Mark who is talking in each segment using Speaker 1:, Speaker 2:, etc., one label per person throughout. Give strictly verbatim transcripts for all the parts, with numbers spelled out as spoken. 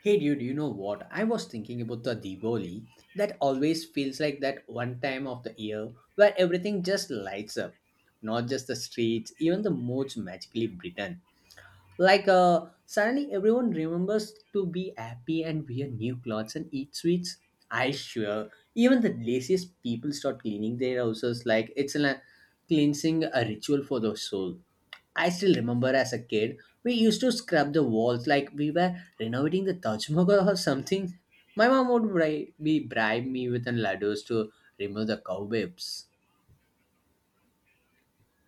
Speaker 1: Hey dude, you know what? I was thinking about the Diwali. That always feels like that one time of the year where everything just lights up. Not just the streets, even the most magically Britain. Like uh, suddenly everyone remembers to be happy and wear new clothes and eat sweets. I swear, even the laziest people start cleaning their houses like it's a cleansing a ritual for the soul. I still remember as a kid, we used to scrub the walls like we were renovating the Taj Mahal or something. My mom would bri- be bribe me with an ladders to remove the cobwebs.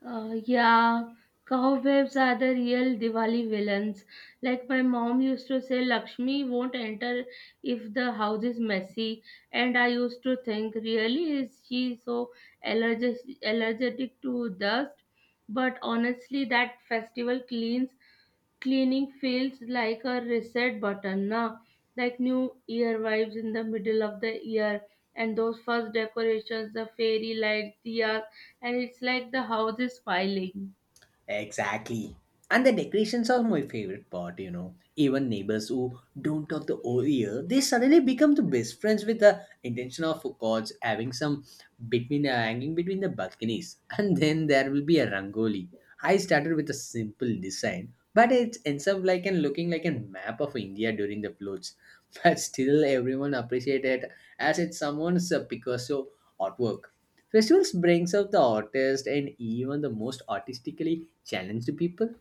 Speaker 2: Uh, yeah, cobwebs are the real Diwali villains. Like my mom used to say, Lakshmi won't enter if the house is messy. And I used to think, really, is she so allergic, allergic to dust? But honestly, that festival cleans cleaning feels like a reset button now, like new year vibes in the middle of the year, and those first decorations, the fairy lights, diyas, and it's like the house is smiling.
Speaker 1: Exactly. And the decorations are my favorite part, you know. Even neighbors who don't talk the whole year, they suddenly become the best friends with the intention of gods having some between uh, hanging between the balconies. And then there will be a rangoli. I started with a simple design, but it ends up like and looking like a map of India during the floats. But still, everyone appreciated it as it's someone's uh, Picasso artwork. Festivals brings out the artist and even the most artistically challenge to people?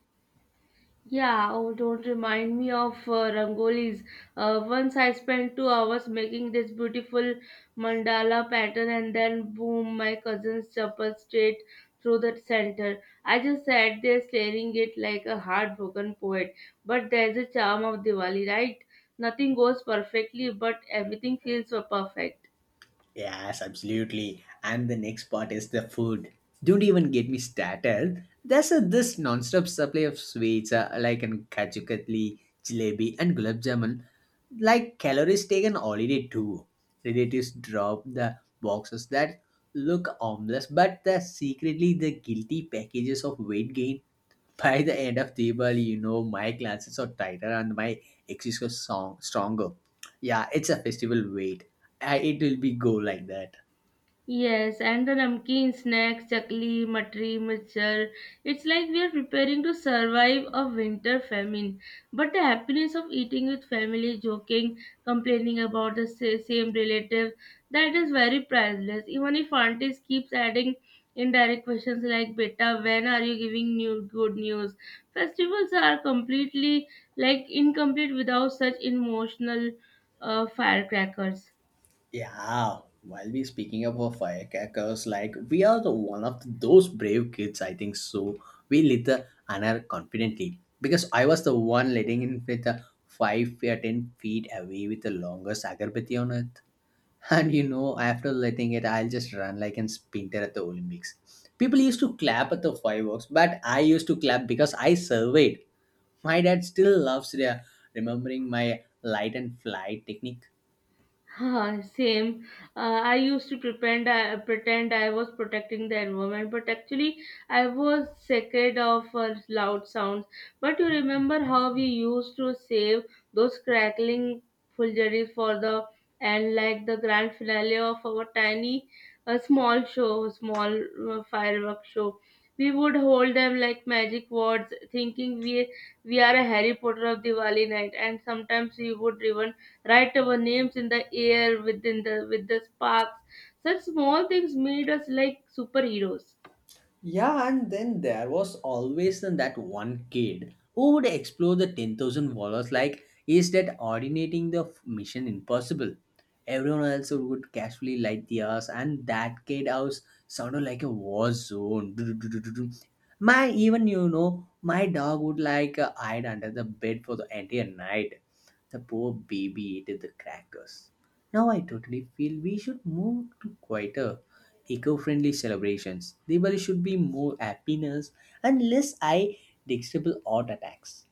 Speaker 2: Yeah, oh, don't remind me of uh, rangolis. Uh, once I spent two hours making this beautiful mandala pattern, and then boom, my cousin's chopper straight through the center. I just sat there staring it like a heartbroken poet. But there's a charm of Diwali, right? Nothing goes perfectly, but everything feels so perfect.
Speaker 1: Yes, absolutely. And the next part is the food. Don't even get me started. There's a this non-stop supply of sweets uh, like an kaju katli, jalebi, and gulab jamun. Like calories taken holiday too. Relatives drop the boxes that look harmless, but they're secretly the guilty packages of weight gain. By the end of Diwali, you know, my glances are tighter and my axis are strong, stronger. Yeah, it's a festival wait. I, it will be go like that.
Speaker 2: Yes, and the namkeen snacks, chakli, matri, machar. It's like we are preparing to survive a winter famine. But the happiness of eating with family, joking, complaining about the sa- same relative, that is very priceless. Even if aunties keeps adding indirect questions like, "Beta, when are you giving new good news?" Festivals are completely like incomplete without such emotional uh, firecrackers.
Speaker 1: Yeah, while we speaking about firecrackers, like we are the one of those brave kids, I think so. We lit the anar confidently because I was the one letting in with the five or ten feet away with the longest agarbatti on it. And you know, after letting it, I'll just run like an sprinter at the Olympics. People used to clap at the fireworks, but I used to clap because I surveyed. My dad still loves the, remembering my light and flight technique.
Speaker 2: Huh, same. Uh, I used to pretend I pretend I was protecting the environment, but actually I was scared of uh, loud sounds. But you remember how we used to save those crackling fulguries for the and like the grand finale of our tiny, uh, small show, small uh, fireworks show. We would hold them like magic words, thinking we we are a Harry Potter of Diwali night, and sometimes we would even write our names in the air within the with the sparks. Such small things made us like superheroes.
Speaker 1: Yeah, and then there was always then that one kid who would explore the ten thousand wallers like, is that ordinating the f- mission impossible? Everyone else would casually light the house, and that kid house sounded like a war zone. My, even you know, my dog would like uh, hide under the bed for the entire night. The poor baby ate the crackers. Now I totally feel we should move to quieter, eco-friendly celebrations. Diwali should be more happiness and less eye detectable art attacks.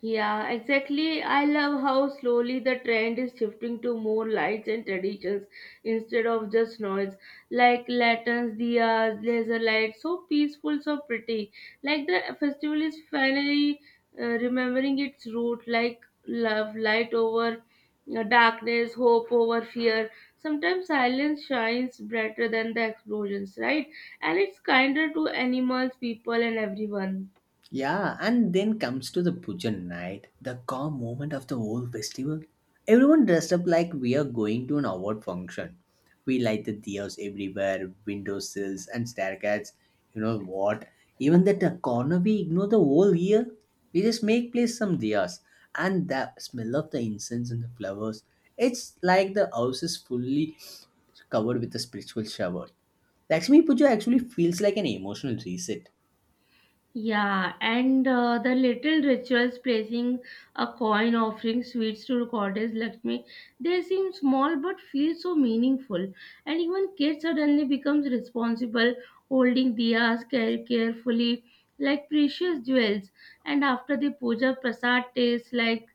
Speaker 2: Yeah, exactly. I love how slowly the trend is shifting to more lights and traditions instead of just noise, like lanterns, diyas, laser lights. So peaceful, so pretty. Like the festival is finally uh, remembering its root, like love, light over uh, darkness, hope over fear. Sometimes silence shines brighter than the explosions, right? And it's kinder to animals, people, and everyone.
Speaker 1: Yeah, and then comes to the pujan night, the calm moment of the whole festival. Everyone dressed up like we are going to an award function. We light the diyas everywhere, windowsills and staircase. You know what? Even that the corner we ignore the whole year, we just make place some diyas. And the smell of the incense and the flowers, it's like the house is fully covered with a spiritual shower. Lakshmi Puja actually feels like an emotional reset.
Speaker 2: Yeah, and uh, the little rituals placing a coin, offering sweets to goddess Lakshmi, they seem small but feel so meaningful. And even kids suddenly becomes responsible, holding diyas care carefully like precious jewels. And after the puja, prasad tastes like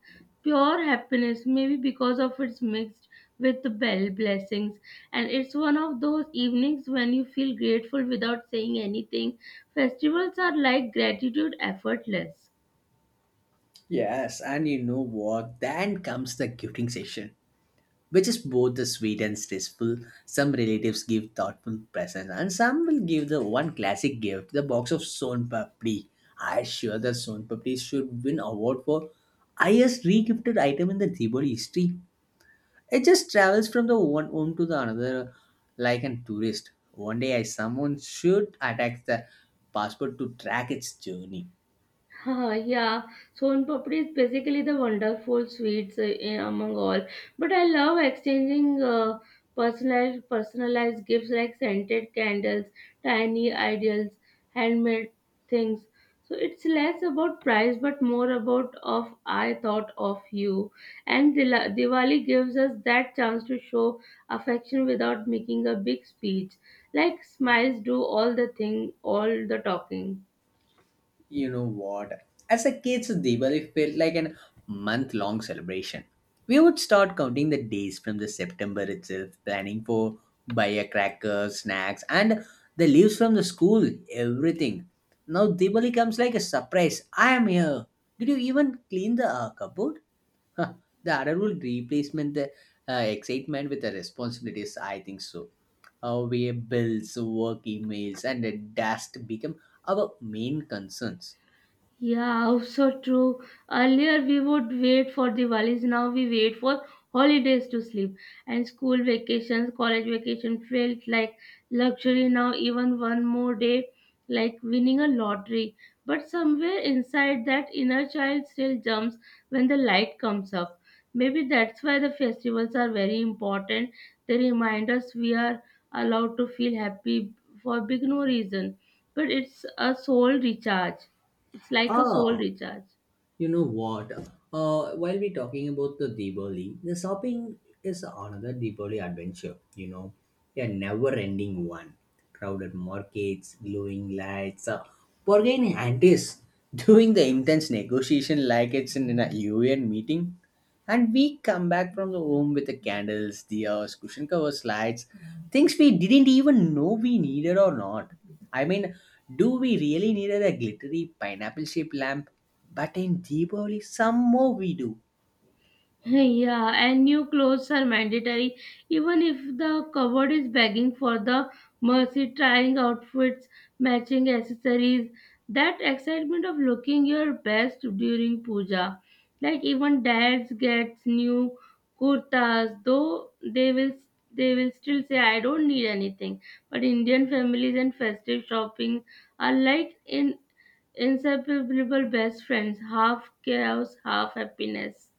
Speaker 2: pure happiness, maybe because of it's mixed with the bell blessings. And it's one of those evenings when you feel grateful without saying anything. Festivals are like gratitude effortless.
Speaker 1: Yes, and you know what? Then comes the gifting session, which is both the sweet and stressful. Some relatives give thoughtful presents, and some will give the one classic gift, the box of Son Papdi. I sure that Son Papdi should win award for highest regifted item in the Diwali history. It just travels from the one home to the another like a tourist. One day, I someone should attack the passport to track its journey.
Speaker 2: Haha, yeah, Son papdi is basically the wonderful sweets uh, in- among all. But I love exchanging uh, personalized personalized gifts like scented candles, tiny ideals, handmade things. So it's less about price but more about of I thought of you. And Dila- Diwali gives us that chance to show affection without making a big speech. Like smiles do all the thing, all the talking.
Speaker 1: You know what? As a kid, so Diwali felt like an month long celebration. We would start counting the days from the September itself, planning for firecrackers, snacks, and the leaves from the school, everything. Now Diwali comes like a surprise. I am here. Did you even clean the uh, cupboard? Huh, the adult replacement the uh, excitement with the responsibilities. I think so. Our bills, work emails, and the dust become our main concerns.
Speaker 2: Yeah, also true. Earlier we would wait for Diwalis, now we wait for holidays to sleep. And school vacations, college vacation felt like luxury now, even one more day, like winning a lottery. But somewhere inside that inner child still jumps when the light comes up. Maybe that's why the festivals are very important. They remind us we are allowed to feel happy for big no reason but it's a soul recharge. It's like a soul
Speaker 1: Ah,
Speaker 2: recharge.
Speaker 1: you know what? Uh, while we're talking about the Diwali, the shopping is another Diwali adventure, you know, a never ending one. Crowded markets, glowing lights, uh, bargaining antics, doing the intense negotiation like it's in a U N meeting. And we come back from the home with the candles, diyas, cushion covers, lights, things we didn't even know we needed or not. I mean, do we really needed a glittery pineapple shaped lamp? But in Diwali, some more we do.
Speaker 2: Yeah, and new clothes are mandatory. Even if the cupboard is begging for the mercy, trying outfits, matching accessories, that excitement of looking your best during puja. Like even dads gets new kurtas, though they will they will still say I don't need anything. But Indian families and festive shopping are like in inseparable best friends, half chaos, half happiness.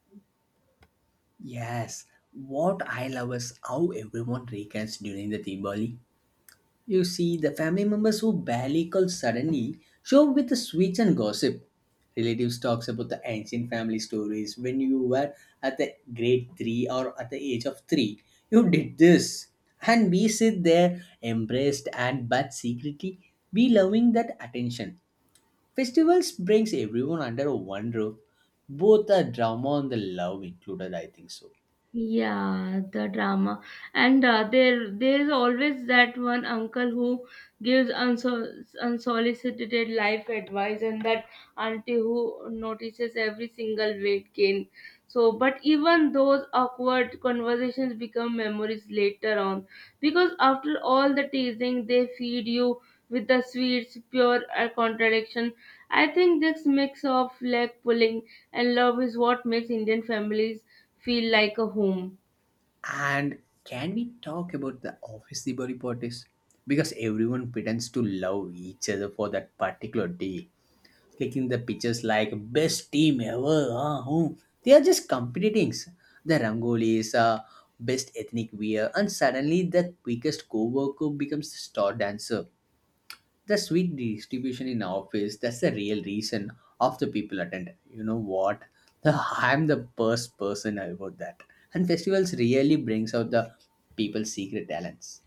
Speaker 1: Yes, what I love is how everyone reunites during the Diwali. You see, the family members who barely call suddenly show up with the sweets and gossip. Relatives talks about the ancient family stories when you were at the grade three or at the age of three. You did this, and we sit there embraced and but secretly we loving that attention. Festivals brings everyone under one roof, both the drama and the love included, I think so.
Speaker 2: Yeah, the drama. And uh, there there's always that one uncle who gives unsol- unsolicited life advice and that auntie who notices every single weight gain so but even those awkward conversations become memories later on because after all the teasing they feed you with the sweets pure uh, contradiction. I think this mix of leg pulling and love is what makes Indian families feel like a home.
Speaker 1: And can we talk about the office Diwali parties? Because everyone pretends to love each other for that particular day, taking the pictures like best team ever. Huh, huh. They are just competing. The rangolis, uh, best ethnic wear, and suddenly the quickest co-worker becomes the star dancer. The sweet distribution in office, that's the real reason of the people attend. You know what? The i'm the first person about that. And festivals really brings out the people's secret talents.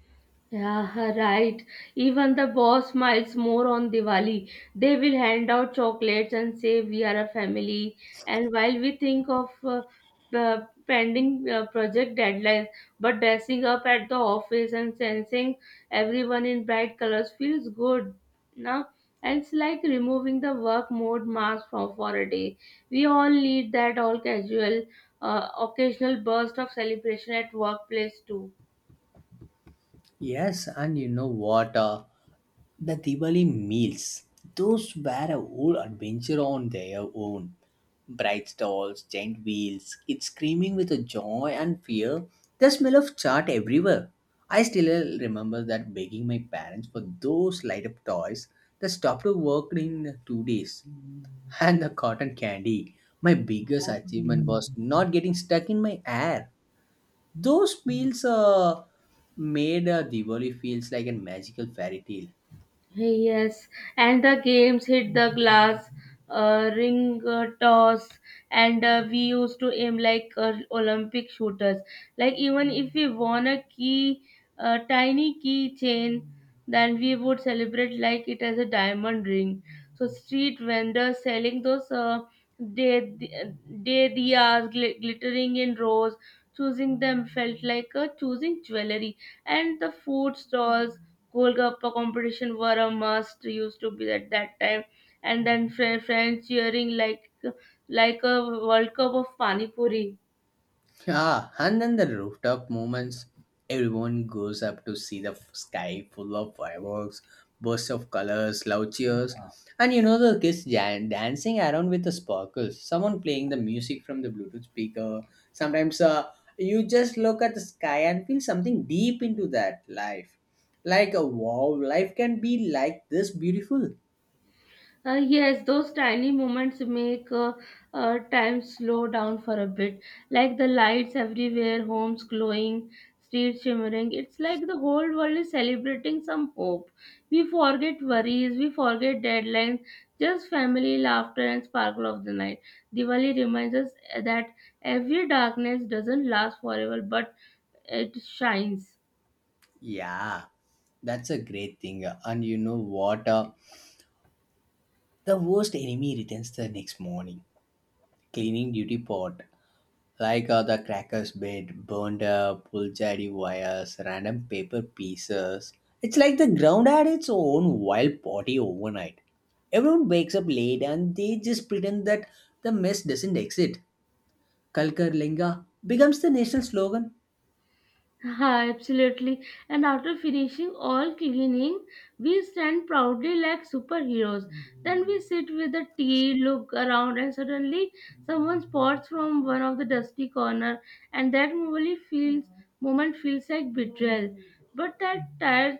Speaker 2: Yeah, right. Even the boss smiles more on Diwali. They will hand out chocolates and say we are a family. And while we think of uh, the pending uh, project deadlines, but dressing up at the office and sensing everyone in bright colors feels good. Now, and it's like removing the work mode mask from for a day. We all need that all casual, uh, occasional burst of celebration at workplace too.
Speaker 1: Yes, and you know what? Uh, the Diwali meals, those were a whole adventure on their own. Bright stalls, giant wheels, kids screaming with a joy and fear, the smell of chaat everywhere. I still remember that begging my parents for those light up toys that stopped working in two days, and the cotton candy. My biggest achievement was not getting stuck in my hair. Those meals uh, made uh, Diwali feels like a magical fairy tale.
Speaker 2: Yes, and the games hit the glass, uh, ring uh, toss, and uh, we used to aim like uh, Olympic shooters. Like even if we won a key, a tiny key chain, then we would celebrate like it as a diamond ring so street vendors selling those uh, day day diyas gl- glittering in rows choosing them felt like uh, choosing jewelry and the food stalls golgappa competition were a must used to be at that time and then fr- friends cheering like like a world cup of pani puri.
Speaker 1: Yeah, and then the rooftop moments. Everyone goes up to see the f- sky full of fireworks, bursts of colors, loud cheers, and you know the kids jan- dancing around with the sparkles. Someone playing the music from the Bluetooth speaker. Sometimes uh, you just look at the sky and feel something deep into that life. Like, uh, wow, life can be like this beautiful.
Speaker 2: Uh, yes, those tiny moments make uh, uh, time slow down for a bit. Like the lights everywhere, homes glowing, streets shimmering. It's like the whole world is celebrating some hope. We forget worries, we forget deadlines, just family, laughter, and sparkle of the night. Diwali reminds us that every darkness doesn't last forever, but it shines.
Speaker 1: Yeah, that's a great thing. And you know what? Uh, the worst enemy returns the next morning, cleaning duty pot. Like uh, the cracker's bed, burned up, pulled wires, random paper pieces. It's like the ground had its own wild party overnight. Everyone wakes up late and they just pretend that the mess doesn't exist. Kalkar Linga becomes the national slogan.
Speaker 2: Ha, absolutely. And after finishing all cleaning, we stand proudly like superheroes. Then we sit with the tea, look around, and suddenly someone spots from one of the dusty corner, and that moment feels moment feels like betrayal. But that tired,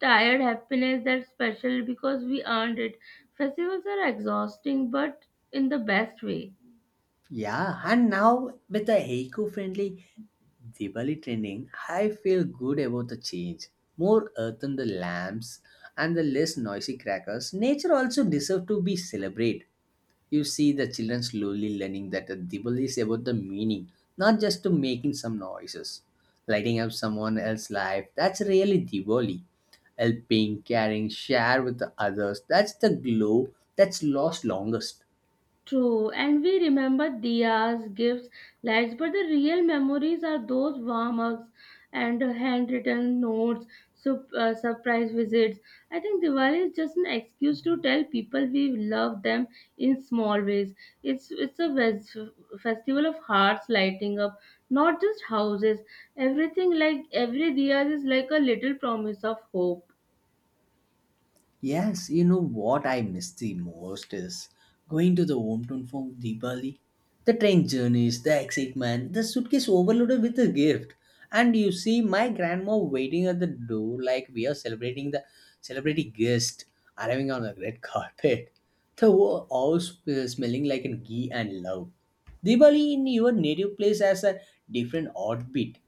Speaker 2: tired happiness that's special because we earned it. Festivals are exhausting, but in the best way.
Speaker 1: Yeah, and now with the eco-friendly Diwali trending, I feel good about the change. More earth on the lamps and the less noisy crackers. Nature also deserves to be celebrated. You see the children slowly learning that the Diwali is about the meaning, not just to making some noises. Lighting up someone else's life, that's really Diwali. Helping, caring, share with the others, that's the glow that's lost longest.
Speaker 2: True, and we remember diyas, gifts, lights, but the real memories are those warm ups and handwritten notes, sup- uh, surprise visits. I think Diwali is just an excuse to tell people we love them in small ways. It's it's a ves- festival of hearts lighting up, not just houses. Everything like every diya is like a little promise of hope.
Speaker 1: Yes, you know what I miss the most is going to the hometown for Diwali. The train journeys, the excitement, the suitcase overloaded with a gift. And you see my grandma waiting at the door like we are celebrating the celebrity guest arriving on a red carpet. The whole house uh, smelling like an ghee and love. Diwali in your native place has a different heartbeat.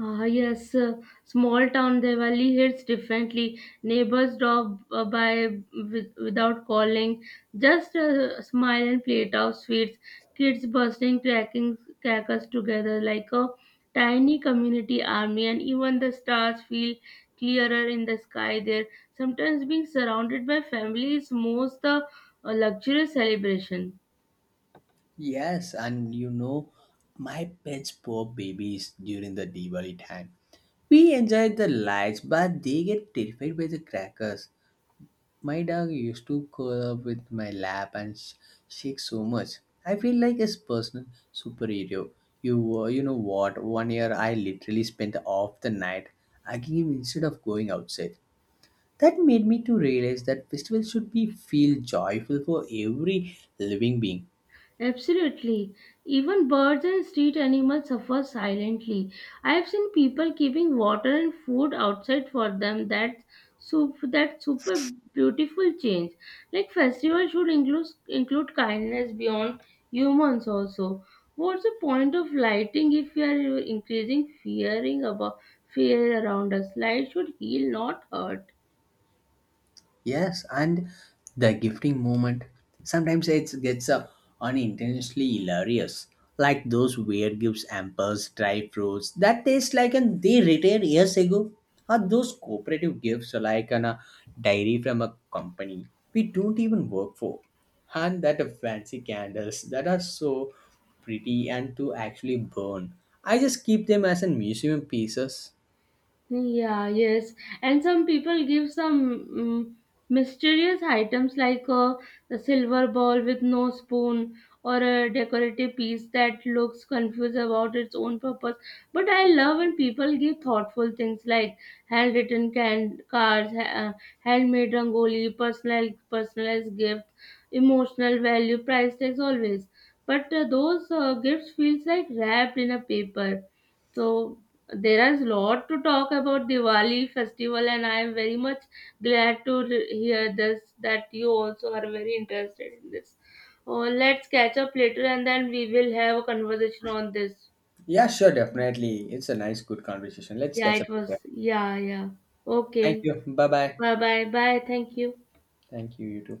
Speaker 2: Ah yes, uh, small town Diwali hits differently. Neighbors drop uh, by with, without calling, just uh, smile and plate of sweets. Kids bursting cracking crackers together like a tiny community army, and even the stars feel clearer in the sky there. Sometimes being surrounded by family is most the uh, luxurious celebration.
Speaker 1: Yes, and you know, my pets poor babies during the Diwali time. We enjoyed the lights, but they get terrified by the crackers. My dog used to curl up with my lap and sh- shake so much. I feel like a personal superhero. You, uh, you know what? One year I literally spent off the night hugging him instead of going outside. That made me to realize that festival should be feel joyful for every living being.
Speaker 2: Absolutely. Even birds and street animals suffer silently. I have seen people keeping water and food outside for them. That's sup- that's super beautiful change. Like festival should include include kindness beyond humans also. What's the point of lighting if we are increasing fearing about fear around us? Light should heal, not hurt.
Speaker 1: Yes, and the gifting moment sometimes it gets uh, unintentionally hilarious, like those weird gifts, hampers, dry fruits that taste like and they retired years ago, or those cooperative gifts like an, a diary from a company we don't even work for, and that uh, fancy candles that are so pretty and to actually burn. I just keep them as a museum pieces.
Speaker 2: Yeah, yes. And some people give some mm mysterious items like a, a silver ball with no spoon or a decorative piece that looks confused about its own purpose. But I love when people give thoughtful things like handwritten can- cards, ha- uh, handmade rangoli, personal personalized gifts, emotional value, price tags always. But uh, those uh, gifts feels like wrapped in a paper so there is lot to talk about Diwali festival, and I am very much glad to re- hear this that you also are very interested in this. Oh, let's catch up later, and then we will have a conversation on this.
Speaker 1: Yeah, sure, definitely. It's a nice, good conversation. Let's
Speaker 2: Yeah,
Speaker 1: catch up
Speaker 2: it
Speaker 1: later.
Speaker 2: was. Yeah, yeah.
Speaker 1: Thank
Speaker 2: Okay.
Speaker 1: you. Bye bye.
Speaker 2: Bye, bye, bye. Thank you.
Speaker 1: Thank you, you too.